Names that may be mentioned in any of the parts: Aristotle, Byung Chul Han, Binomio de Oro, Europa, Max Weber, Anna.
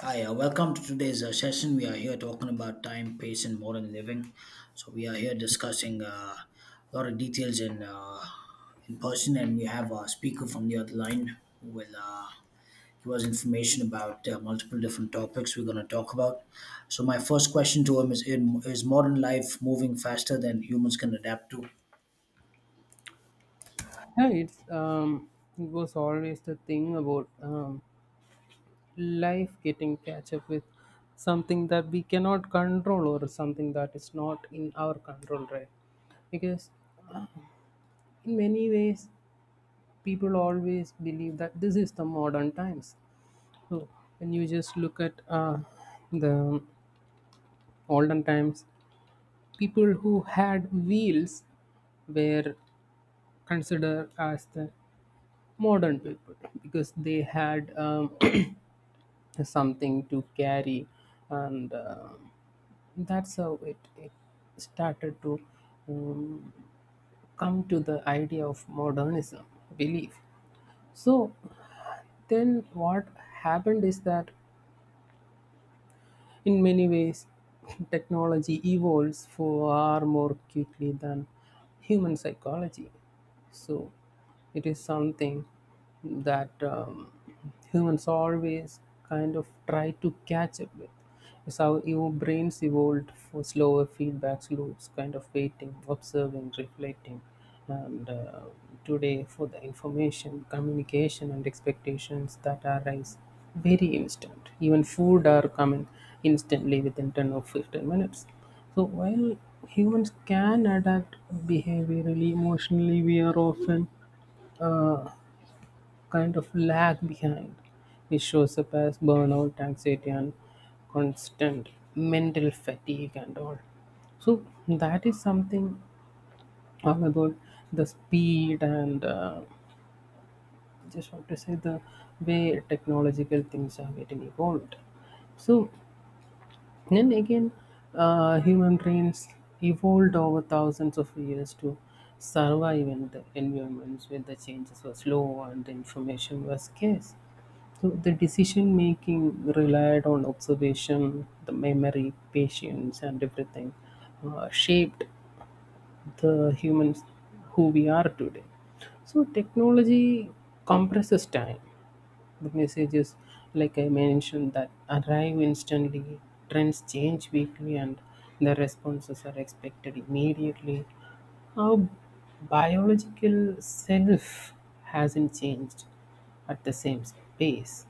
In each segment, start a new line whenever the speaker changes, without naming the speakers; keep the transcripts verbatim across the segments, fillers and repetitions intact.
Hi, uh, welcome to today's uh, session. We are here talking about time, pace, and modern living. So we are here discussing uh, a lot of details in uh, in person, and we have a speaker from the other line who will uh, give us information about uh, multiple different topics we're going to talk about. So my first question to him is: in- Is modern life moving faster than humans can adapt to?
Yeah, it's um, it was always the thing about um, life getting catch up with something that we cannot control or something that is not in our control, right? Because in many ways, people always believe that this is the modern times. So when you just look at uh, the olden times, people who had wheels were considered as the modern people because they had um, something to carry and uh, that's how it, it started to um, come to the idea of modernism belief. So then what happened is that, in many ways, technology evolves far more quickly than human psychology. So it is something that um, humans always kind of try to catch up with. It's how your brains evolved for slower feedback loops, kind of waiting, observing, reflecting. And uh, today, for the information, communication, and expectations that arise very instant. Even food are coming instantly within ten or fifteen minutes. So while humans can adapt behaviorally, emotionally, we are often uh, kind of lag behind, which shows up as burnout, anxiety, and constant mental fatigue and all. So that is something all about the speed, and uh, just want to say the way technological things are getting evolved. So then again, uh, human brains evolved over thousands of years to survive in the environments where the changes were slow and the information was scarce. So the decision making relied on observation, the memory, patience, and everything uh, shaped the humans who we are today. So technology compresses time. The message is, like I mentioned, that arrive instantly, trends change weekly, and the responses are expected immediately. Our biological self hasn't changed at the same pace.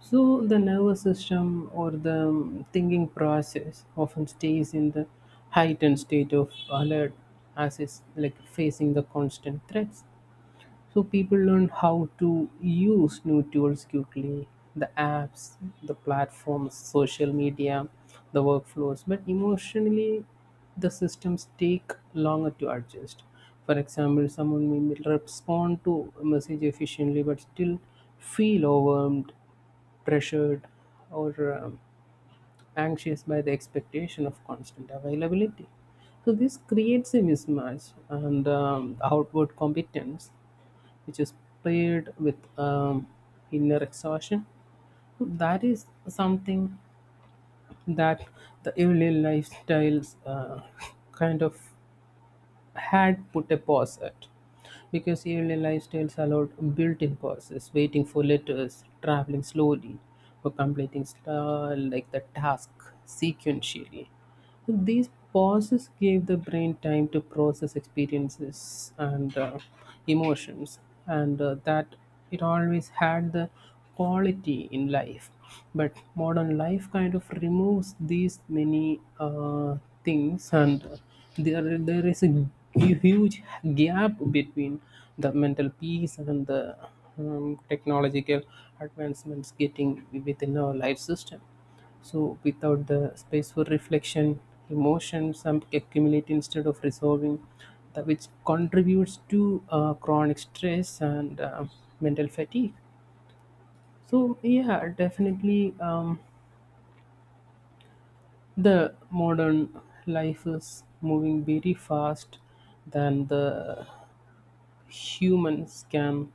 So the nervous system or the thinking process often stays in the heightened state of alert, as is like facing the constant threats. So people learn how to use new tools quickly, the apps, the platforms, social media, the workflows, but emotionally the systems take longer to adjust. For example, someone may respond to a message efficiently but still feel overwhelmed, pressured, or um, anxious by the expectation of constant availability. So this creates a mismatch and um, outward competence which is paired with um, inner exhaustion. So that is something that the early lifestyles uh, kind of had put a pause at, because early lifestyles allowed built-in pauses, waiting for letters, traveling slowly, or completing star like the task sequentially. So these pauses gave the brain time to process experiences and uh, emotions, and uh, that it always had the quality in life. But modern life kind of removes these many uh, things, and there there is a huge gap between the mental peace and the um, technological advancements getting within our life system. So, without the space for reflection, emotions um, accumulate instead of resolving, that which contributes to uh, chronic stress and uh, mental fatigue. So, yeah, definitely um, the modern life is moving very fast than the humans can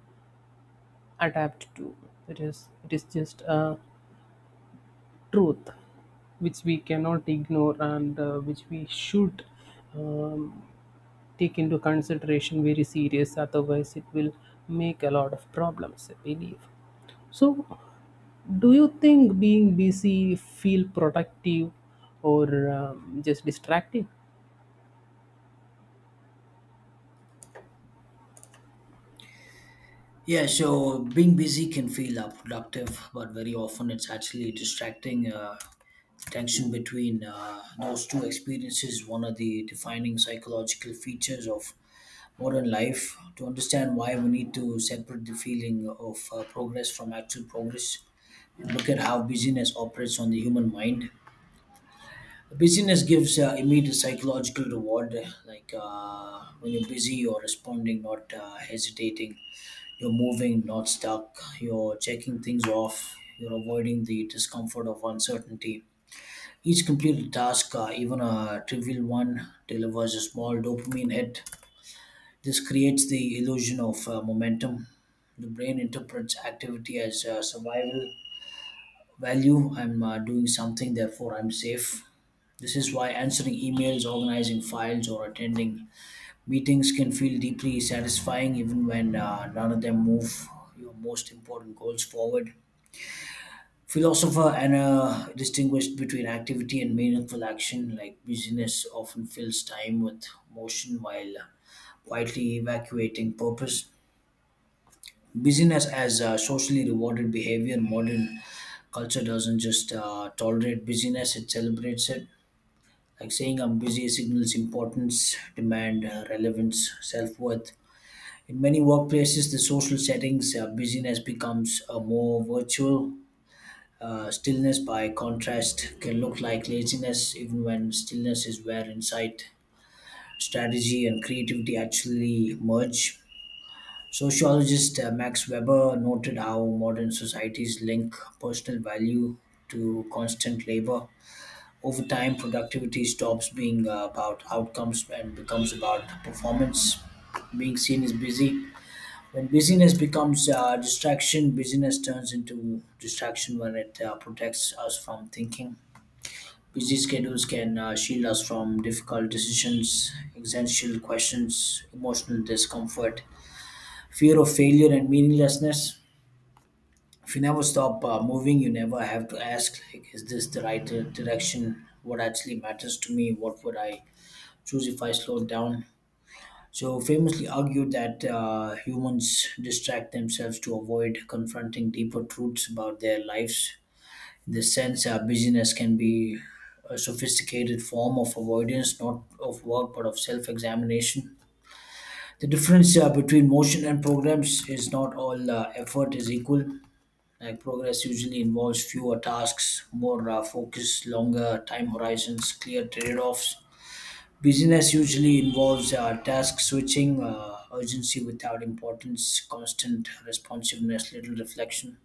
adapt to. It is, it is just a truth which we cannot ignore, and uh, which we should um, take into consideration very serious, otherwise it will make a lot of problems, I believe. So do you think being busy feel productive or um, just distracting?
Yeah, so being busy can feel uh, productive, but very often it's actually distracting. Uh, tension between uh, those two experiences, one of the defining psychological features of modern life. To understand why we need to separate the feeling of uh, progress from actual progress, and look at how busyness operates on the human mind. Busyness gives uh, immediate psychological reward, like uh, when you're busy, you're responding, not uh, hesitating, you're moving, not stuck. You're checking things off. You're avoiding the discomfort of uncertainty. Each completed task, uh, even a trivial one, delivers a small dopamine hit. This creates the illusion of uh, momentum. The brain interprets activity as uh, survival value. I'm uh, doing something, therefore, I'm safe. This is why answering emails, organizing files, or attending meetings can feel deeply satisfying even when uh, none of them move your most important goals forward. Philosopher Anna distinguished between activity and meaningful action, like busyness often fills time with motion while quietly evacuating purpose. Busyness as uh, socially rewarded behavior, modern culture doesn't just uh, tolerate busyness, it celebrates it. Like saying I'm busy signals importance, demand, uh, relevance, self worth. In many workplaces, the social settings, uh, busyness becomes a more virtual. Uh, stillness, by contrast, can look like laziness, even when stillness is where insight, strategy, and creativity actually merge. Sociologist uh, Max Weber noted how modern societies link personal value to constant labor. Over time, productivity stops being uh, about outcomes and becomes about performance. Being seen as busy when busyness becomes uh, distraction, busyness turns into distraction when it uh, protects us from thinking. Busy schedules can uh, shield us from difficult decisions, existential questions, emotional discomfort, fear of failure, and meaninglessness. If you never stop uh, moving, you never have to ask, like, is this the right uh, direction? What actually matters to me? What would I choose if I slowed down? So, famously argued that uh, humans distract themselves to avoid confronting deeper truths about their lives. In this sense, uh, busyness can be a sophisticated form of avoidance, not of work but of self examination. The difference uh, between motion and programs is not all uh, effort is equal. Like progress usually involves fewer tasks, more uh, focus, longer time horizons, clear trade offs. Business usually involves uh, task switching, uh, urgency without importance, constant responsiveness, little reflection.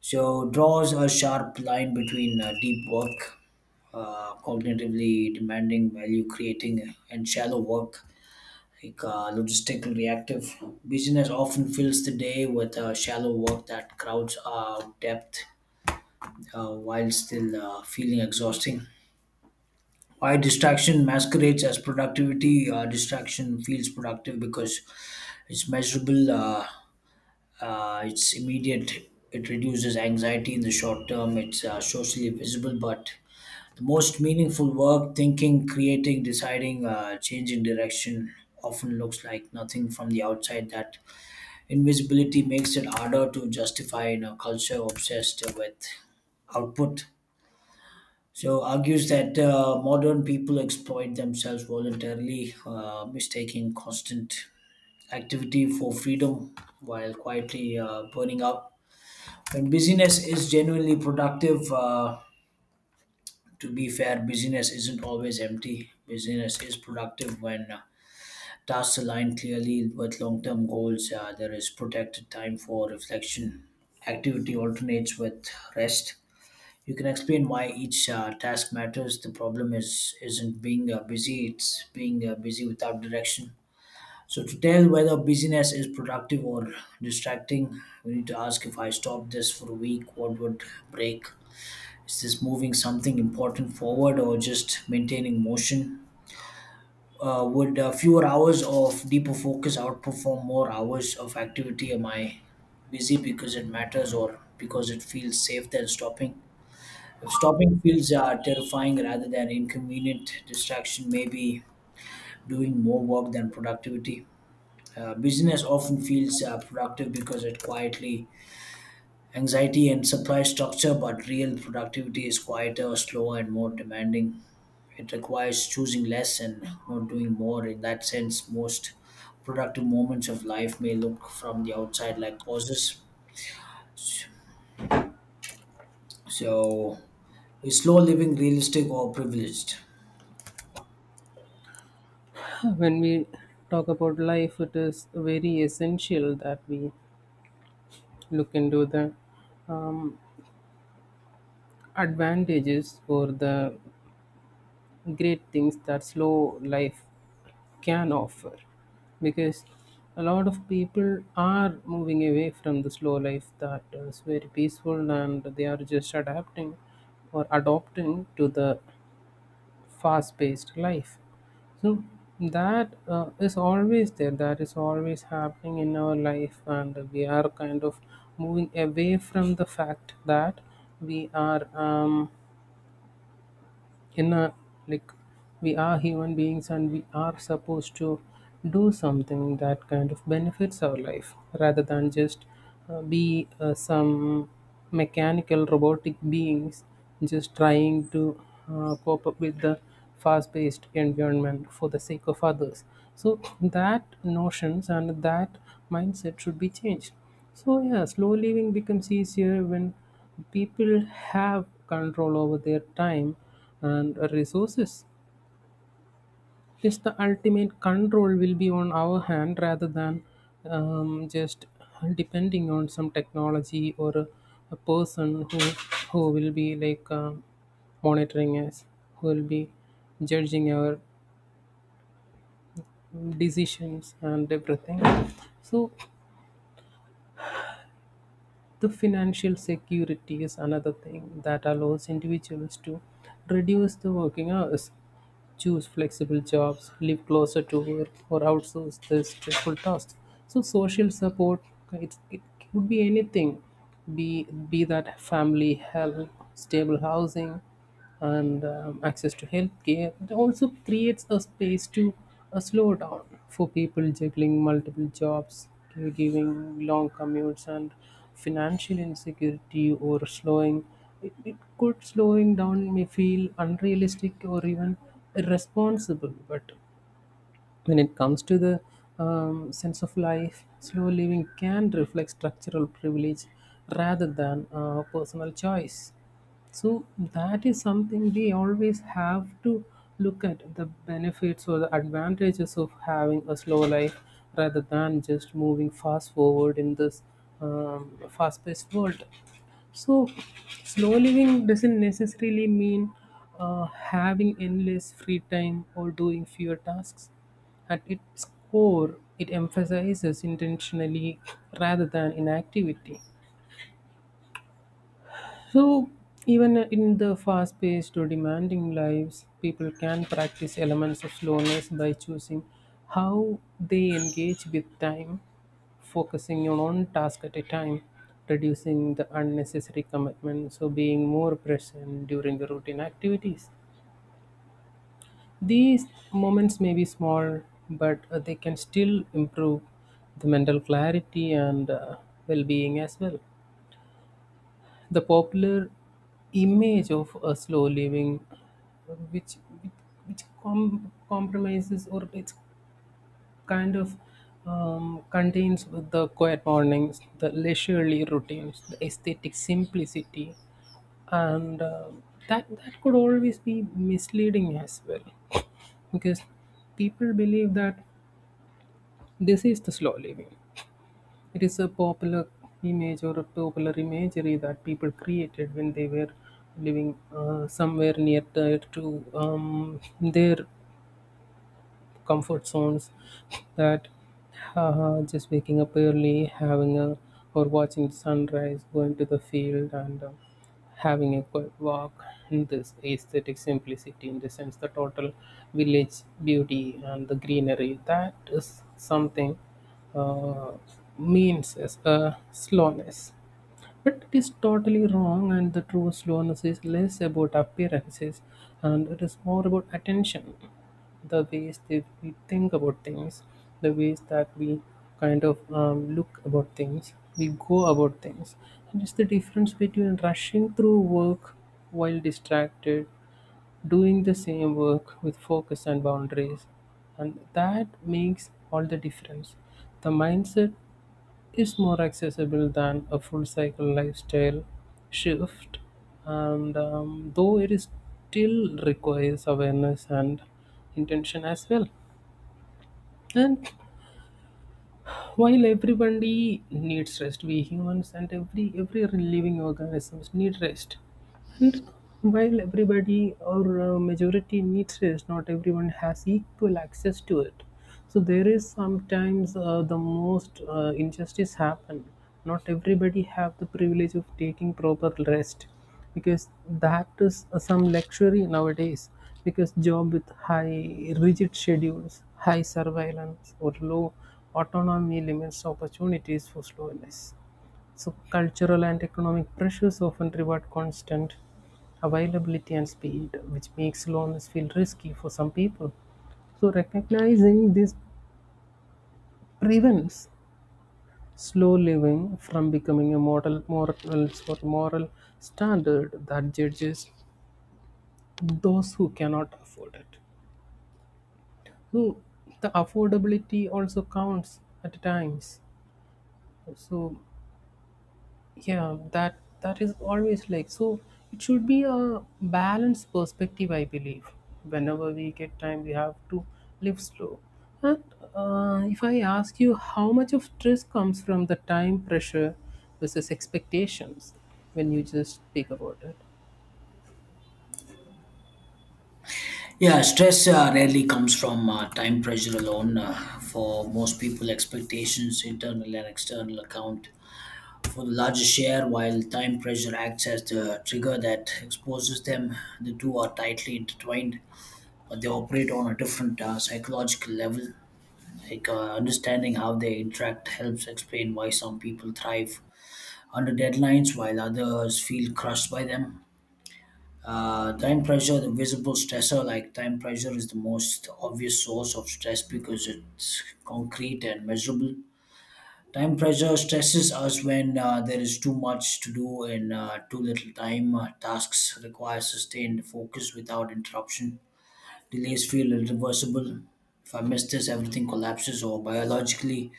So, draws a sharp line between uh, deep work, uh, cognitively demanding, value creating, and shallow work, like uh, logistical reactive. Business often fills the day with uh, shallow work that crowds out depth uh, while still uh, feeling exhausting. Why distraction masquerades as productivity, uh, distraction feels productive because it's measurable, uh, uh, it's immediate, it reduces anxiety in the short term, it's uh, socially visible, but the most meaningful work, thinking, creating, deciding, uh, changing direction, often looks like nothing from the outside. That invisibility makes it harder to justify in a culture obsessed with output. So argues that uh, modern people exploit themselves voluntarily, uh, mistaking constant activity for freedom while quietly uh, burning out. When busyness is genuinely productive, uh, to be fair, busyness isn't always empty. Busyness is productive when uh, tasks align clearly with long term goals. Uh, there is protected time for reflection. Activity alternates with rest. You can explain why each uh, task matters. The problem is isn't being uh, busy; it's being uh, busy without direction. So to tell whether busyness is productive or distracting, we need to ask, if I stop this for a week, what would break? Is this moving something important forward or just maintaining motion? Uh, would uh, fewer hours of deeper focus outperform more hours of activity? Am I busy because it matters or because it feels safe than stopping? Stopping feels uh, terrifying rather than inconvenient. Distraction may be doing more work than productivity. Uh, business often feels uh, productive because it quietly anxiety and supply structure, but real productivity is quieter, slower, and more demanding. It requires choosing less and not doing more. In that sense, most productive moments of life may look from the outside like pauses. So, is slow living realistic or privileged?
When we talk about life, it is very essential that we look into the um, advantages or the great things that slow life can offer, because a lot of people are moving away from the slow life that is very peaceful and they are just adapting or adopting to the fast paced life. So that uh, is always there, that is always happening in our life, and we are kind of moving away from the fact that we are um, in a, like, we are human beings and we are supposed to do something that kind of benefits our life, rather than just uh, be uh, some mechanical robotic beings just trying to uh, cope up with the fast-paced environment for the sake of others. So that notions and that mindset should be changed. So, yeah, slow living becomes easier when people have control over their time and resources. Yes, the ultimate control will be on our hand, rather than um, just depending on some technology or a, a person who who will be like um monitoring us, who will be judging our decisions and everything. So the financial security is another thing that allows individuals to reduce the working hours, choose flexible jobs, live closer to work, or outsource the stressful tasks. So social support, it, it could be anything, be be that family help, stable housing, and um, access to healthcare. It also creates a space to uh, slow down. For people juggling multiple jobs, caregiving, long commutes, and financial insecurity, or slowing, it, it could, slowing down may feel unrealistic or even irresponsible. But when it comes to the um, sense of life, slow living can reflect structural privilege rather than uh, personal choice. So that is something we always have to look at, the benefits or the advantages of having a slow life rather than just moving fast forward in this um, fast-paced world. So, slow living doesn't necessarily mean uh, having endless free time or doing fewer tasks. At its core, it emphasizes intentionally rather than inactivity. So, even in the fast paced or demanding lives, people can practice elements of slowness by choosing how they engage with time, focusing on one task at a time, reducing the unnecessary commitment, so being more present during the routine activities. These moments may be small, but uh, they can still improve the mental clarity and uh, well being as well. The popular image of a slow living, which which com- compromises, or it's kind of um, contains the quiet mornings, the leisurely routines, the aesthetic simplicity, and uh, that that could always be misleading as well, because people believe that this is the slow living. It is a popular image or a popular imagery that people created when they were living uh, somewhere near the, to um, their comfort zones. That uh, just waking up early, having a, or watching the sunrise, going to the field, and uh, having a quiet walk. And this aesthetic simplicity, in the sense, the total village beauty and the greenery, that is something uh, means as a slowness. But it is totally wrong, and the true slowness is less about appearances and it is more about attention. The ways that we think about things, the ways that we kind of um, look about things, we go about things. And it's the difference between rushing through work while distracted, doing the same work with focus and boundaries, and that makes all the difference. The mindset is more accessible than a full cycle lifestyle shift, and um, though it is still requires awareness and intention as well. And while everybody needs rest, we humans and every every living organisms need rest. And while everybody or uh, majority needs rest, not everyone has equal access to it. So there is sometimes uh, the most uh, injustice happen. Not everybody have the privilege of taking proper rest, because that is uh, some luxury nowadays, because job with high rigid schedules, high surveillance or low autonomy limits opportunities for slowness. So, cultural and economic pressures often reward constant availability and speed, which makes loans feel risky for some people. So, recognizing this prevents slow living from becoming a model, moral, or moral standard that judges those who cannot afford it. So, the affordability also counts at times. So, yeah, that that is always like, so it should be a balanced perspective, I believe. Whenever we get time we have to live slow. And uh, if I ask you, how much of stress comes from the time pressure versus expectations when you just speak about it?
Yeah, stress uh, rarely comes from uh, time pressure alone. Uh, for most people, expectations, internal and external, account for the larger share, while time pressure acts as the trigger that exposes them. The two are tightly intertwined, but they operate on a different uh, psychological level. Like uh, understanding how they interact helps explain why some people thrive under deadlines while others feel crushed by them. Uh, time pressure, the visible stressor, like time pressure is the most obvious source of stress because it's concrete and measurable. Time pressure stresses us when uh, there is too much to do and uh, too little time. Uh, tasks require sustained focus without interruption. Delays feel irreversible. If I miss this, everything collapses, or biologically,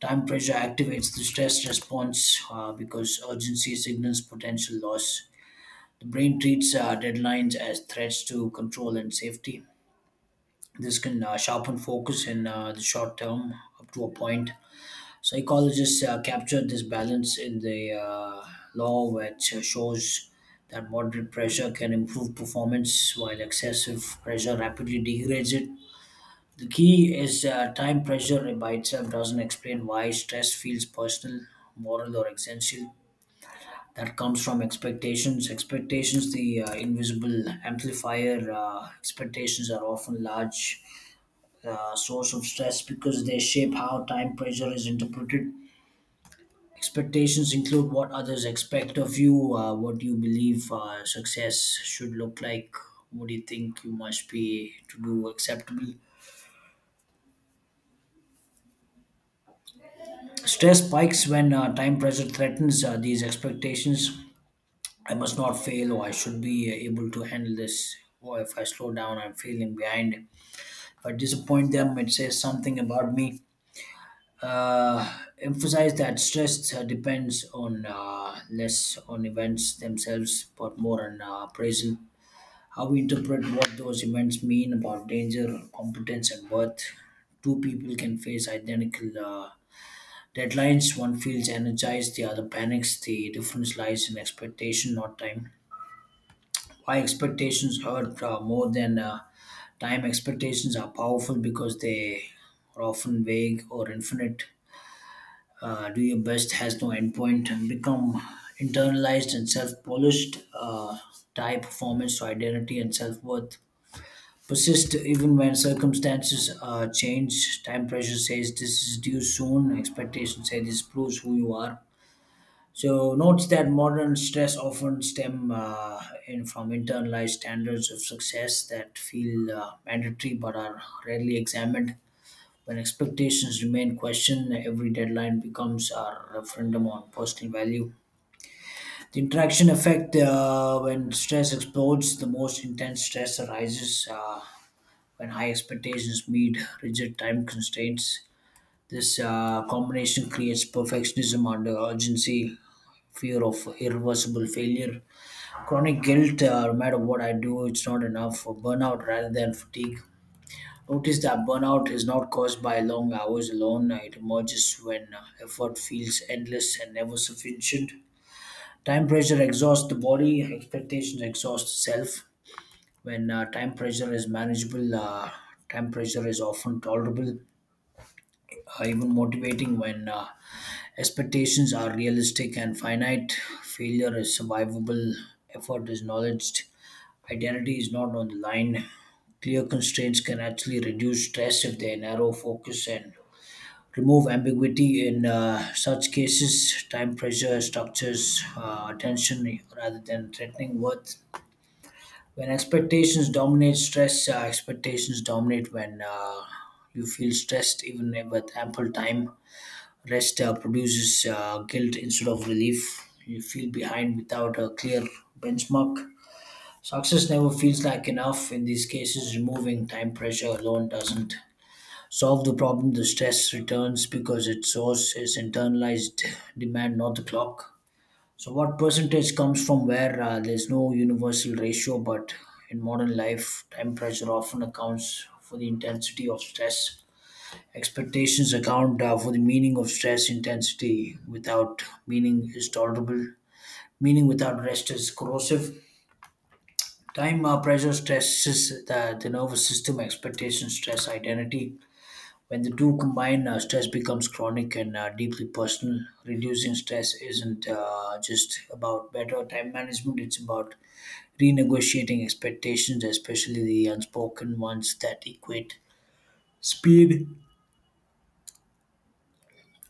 time pressure activates the stress response uh, because urgency signals potential loss. The brain treats uh, deadlines as threats to control and safety. This can uh, sharpen focus in uh, the short term up to a point. Psychologists uh, captured this balance in the uh, law, which shows that moderate pressure can improve performance while excessive pressure rapidly degrades it. The key is uh, time pressure by itself doesn't explain why stress feels personal, moral, or existential. That comes from expectations. Expectations, the uh, invisible amplifier, uh, expectations are often large uh, source of stress because they shape how time pressure is interpreted. Expectations include what others expect of you, uh, what you believe uh, success should look like, what do you think you must be to do acceptable. Stress spikes when uh, time pressure threatens uh, these expectations. I must not fail, or I should be able to handle this. Or if I slow down, I'm feeling behind. If I disappoint them, it says something about me. Uh, Emphasize that stress uh, depends on uh, less on events themselves, but more on uh, appraisal. How we interpret what those events mean about danger, competence, and worth. Two people can face identical uh, deadlines. One feels energized, the other panics. The difference lies in expectation, not time. Why expectations hurt uh, more than uh, time, expectations are powerful because they are often vague or infinite. Uh, do your best has no endpoint and become internalized and self-polished, uh, tie performance to identity and self-worth, persist even when circumstances uh, change. Time pressure says this is due soon, expectations say this proves who you are. So notes that modern stress often stem uh, in from internalized standards of success that feel uh, mandatory but are rarely examined. When expectations remain questioned, every deadline becomes a referendum on personal value. The interaction effect, uh, when stress explodes, the most intense stress arises uh, when high expectations meet rigid time constraints. This uh, combination creates perfectionism under urgency, fear of irreversible failure, chronic guilt, uh, no matter what I do, it's not enough. For Burnout rather than fatigue. Notice that burnout is not caused by long hours alone. It emerges when uh, effort feels endless and never sufficient. Time pressure exhausts the body, expectations exhaust self. When uh, time pressure is manageable, uh, time pressure is often tolerable, uh, even motivating. When uh, expectations are realistic and finite, failure is survivable, effort is acknowledged, identity is not on the line. Clear constraints can actually reduce stress if they narrow focus and remove ambiguity. In uh, such cases, time pressure structures uh, attention rather than threatening worth. When expectations dominate stress, uh, expectations dominate when uh, you feel stressed, even with ample time. Rest uh, produces uh, guilt instead of relief. You feel behind without a clear benchmark. Success never feels like enough in these cases. Removing time pressure alone doesn't solve the problem. The stress returns because its source is internalized demand, not the clock. So, what percentage comes from where? Uh, there's no universal ratio, but in modern life, time pressure often accounts for the intensity of stress. Expectations account uh, for the meaning of stress intensity. Without meaning is tolerable. Meaning without rest is corrosive. Time uh, pressure stresses the, the nervous system, expectation, stress, identity. When the two combine, uh, stress becomes chronic and uh, deeply personal. Reducing stress isn't uh, just about better time management, it's about renegotiating expectations, especially the unspoken ones that equate speed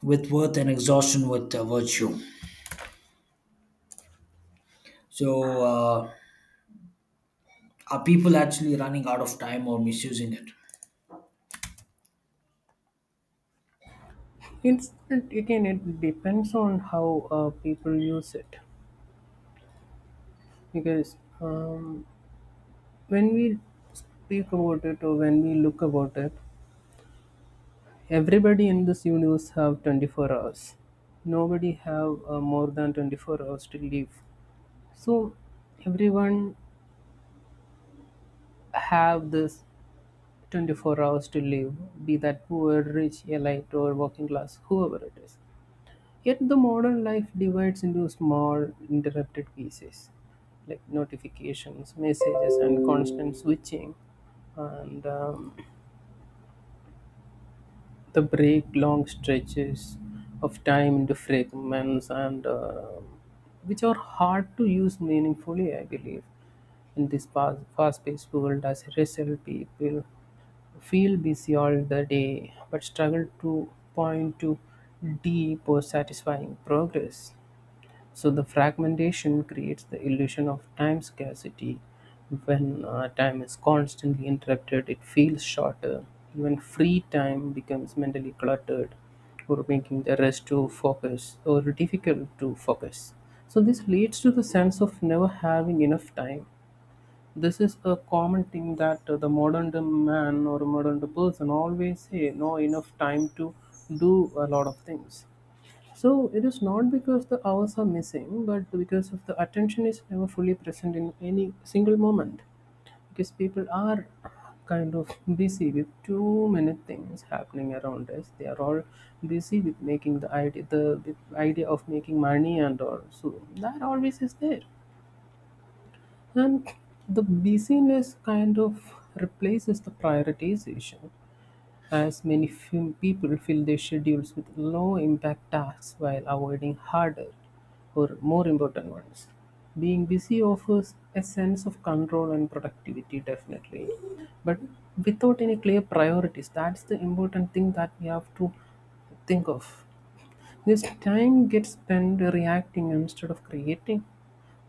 with worth and exhaustion with uh, virtue. So, uh, are people actually running out of time or misusing it?
it's it, Again, it depends on how uh, people use it, because um, when we speak about it or when we look about it, everybody in this universe have twenty-four hours. Nobody have uh, more than twenty-four hours to live. So everyone have this twenty-four hours to live, be that poor, rich, elite or working class, whoever it is. Yet the modern life divides into small interrupted pieces like notifications, messages and constant switching. And um, they break long stretches of time into fragments and uh, which are hard to use meaningfully, I believe. In this fast- fast-paced world, as a result, people feel busy all the day but struggle to point to deep or satisfying progress. So the fragmentation creates the illusion of time scarcity. When uh, time is constantly interrupted, it feels shorter. Even free time becomes mentally cluttered, or making the rest to focus or difficult to focus. So this leads to the sense of never having enough time. This is a common thing that uh, the modern day man or modern day person always say, no enough time to do a lot of things. So it is not because the hours are missing, but because of the attention is never fully present in any single moment. Because people are kind of busy with too many things happening around us. They are all busy with making the idea, the with idea of making money and all. So that always is there. And the busyness kind of replaces the prioritization, as many few people fill their schedules with low-impact tasks while avoiding harder or more important ones. Being busy offers a sense of control and productivity, definitely. But without any clear priorities, that's the important thing that we have to think of. This time gets spent reacting instead of creating.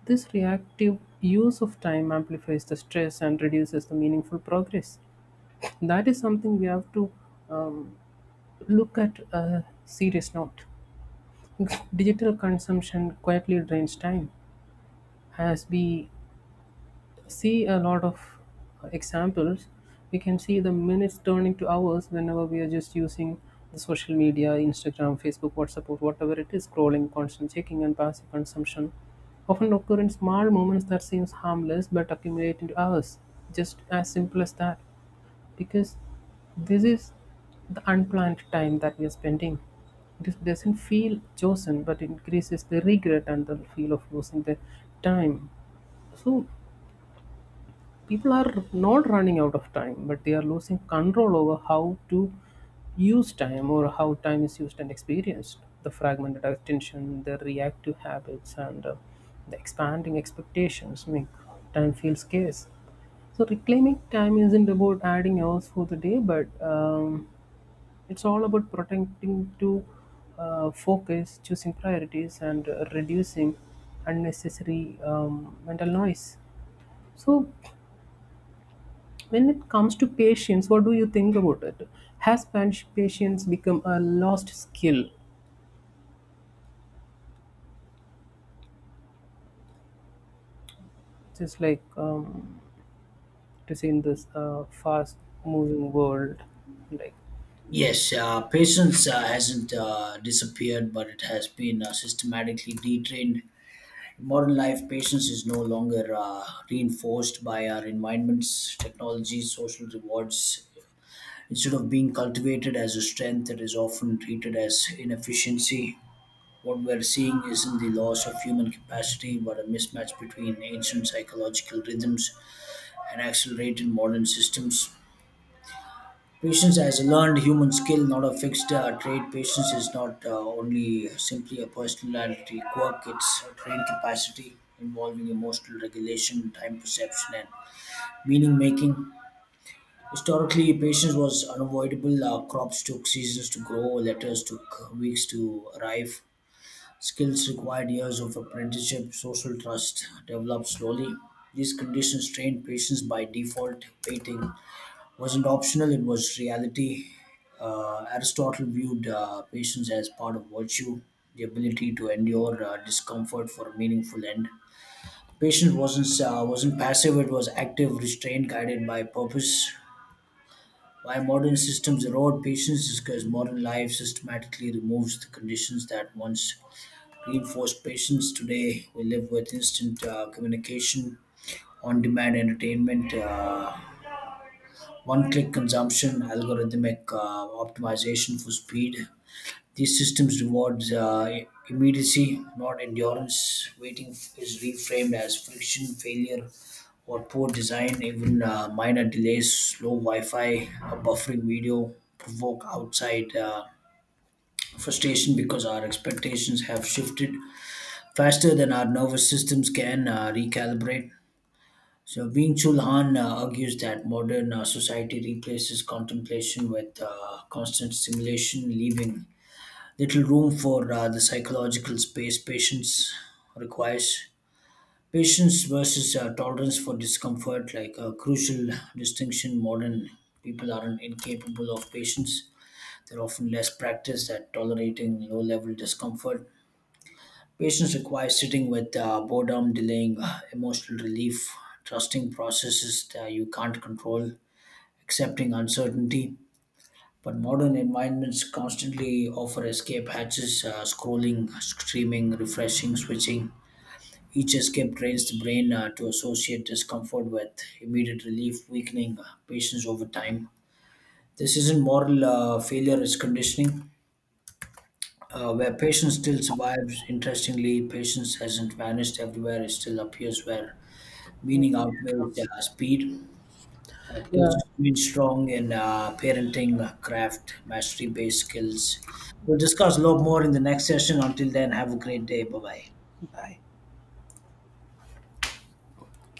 This reactive use of time amplifies the stress and reduces the meaningful progress. That is something we have to um, look at a serious note. Digital consumption quietly drains time, as we see a lot of examples. We can see the minutes turning to hours whenever we are just using the social media, Instagram, Facebook, WhatsApp, or whatever it is, scrolling, constant checking, and passive consumption. Often occur in small moments that seems harmless but accumulate into hours. Just as simple as that. Because this is the unplanned time that we are spending. It doesn't feel chosen, but it increases the regret and the feel of losing the time. So people are not running out of time, but they are losing control over how to use time or how time is used and experienced. The fragmented attention, the reactive habits, and uh, the expanding expectations make time feel scarce. So reclaiming time isn't about adding hours for the day, but um, it's all about protecting to uh, focus, choosing priorities, and uh, reducing unnecessary um, mental noise. So when it comes to patience, what do you think about it? Has pans- patience become a lost skill? Just like, um, to say, in this uh, fast moving world, like,
Yes, uh, patience uh, hasn't uh, disappeared, but it has been uh, systematically detrained. In modern life, patience is no longer uh, reinforced by our environments, technology, social rewards. Instead of being cultivated as a strength, it is often treated as inefficiency. What we're seeing isn't the loss of human capacity, but a mismatch between ancient psychological rhythms and accelerated modern systems. Patience as a learned human skill, not a fixed uh, trait. Patience is not uh, only simply a personality quirk, it's a trained capacity involving emotional regulation, time perception, and meaning making. Historically, patience was unavoidable. Uh, crops took seasons to grow, letters took weeks to arrive. Skills required years of apprenticeship, social trust developed slowly. These conditions trained patience by default, waiting wasn't optional, it was reality. Uh, Aristotle viewed uh, patience as part of virtue, the ability to endure uh, discomfort for a meaningful end. Patience wasn't, uh, wasn't passive, it was active, restrained, guided by purpose. Why modern systems erode patience is because modern life systematically removes the conditions that once reinforced patience. Today, we live with instant uh, communication, on demand entertainment. Uh, one-click consumption, algorithmic uh, optimization for speed. These systems rewards uh, immediacy, not endurance. Waiting f- is reframed as friction, failure, or poor design. Even uh, minor delays, slow Wi-Fi, uh, buffering video provoke outside uh, frustration because our expectations have shifted faster than our nervous systems can uh, recalibrate. So Byung Chul Han uh, argues that modern uh, society replaces contemplation with uh, constant stimulation, leaving little room for uh, the psychological space patience requires. Patience versus uh, tolerance for discomfort, like a crucial distinction, modern people aren't incapable of patience. They're often less practiced at tolerating low level discomfort. Patience requires sitting with uh, boredom, delaying uh, emotional relief, trusting processes that you can't control, accepting uncertainty. But modern environments constantly offer escape hatches, uh, scrolling, streaming, refreshing, switching. Each escape trains the brain uh, to associate discomfort with immediate relief, weakening uh, patience over time. This isn't moral uh, failure, it's conditioning. Uh, where patience still survives. Interestingly, patience hasn't vanished everywhere. It still appears where meaning outweighs uh, speed. Uh, patience
yeah,
remains strong in uh, parenting, uh, craft, mastery-based skills. We'll discuss a lot more in the next session. Until then, have a great day. Bye-bye.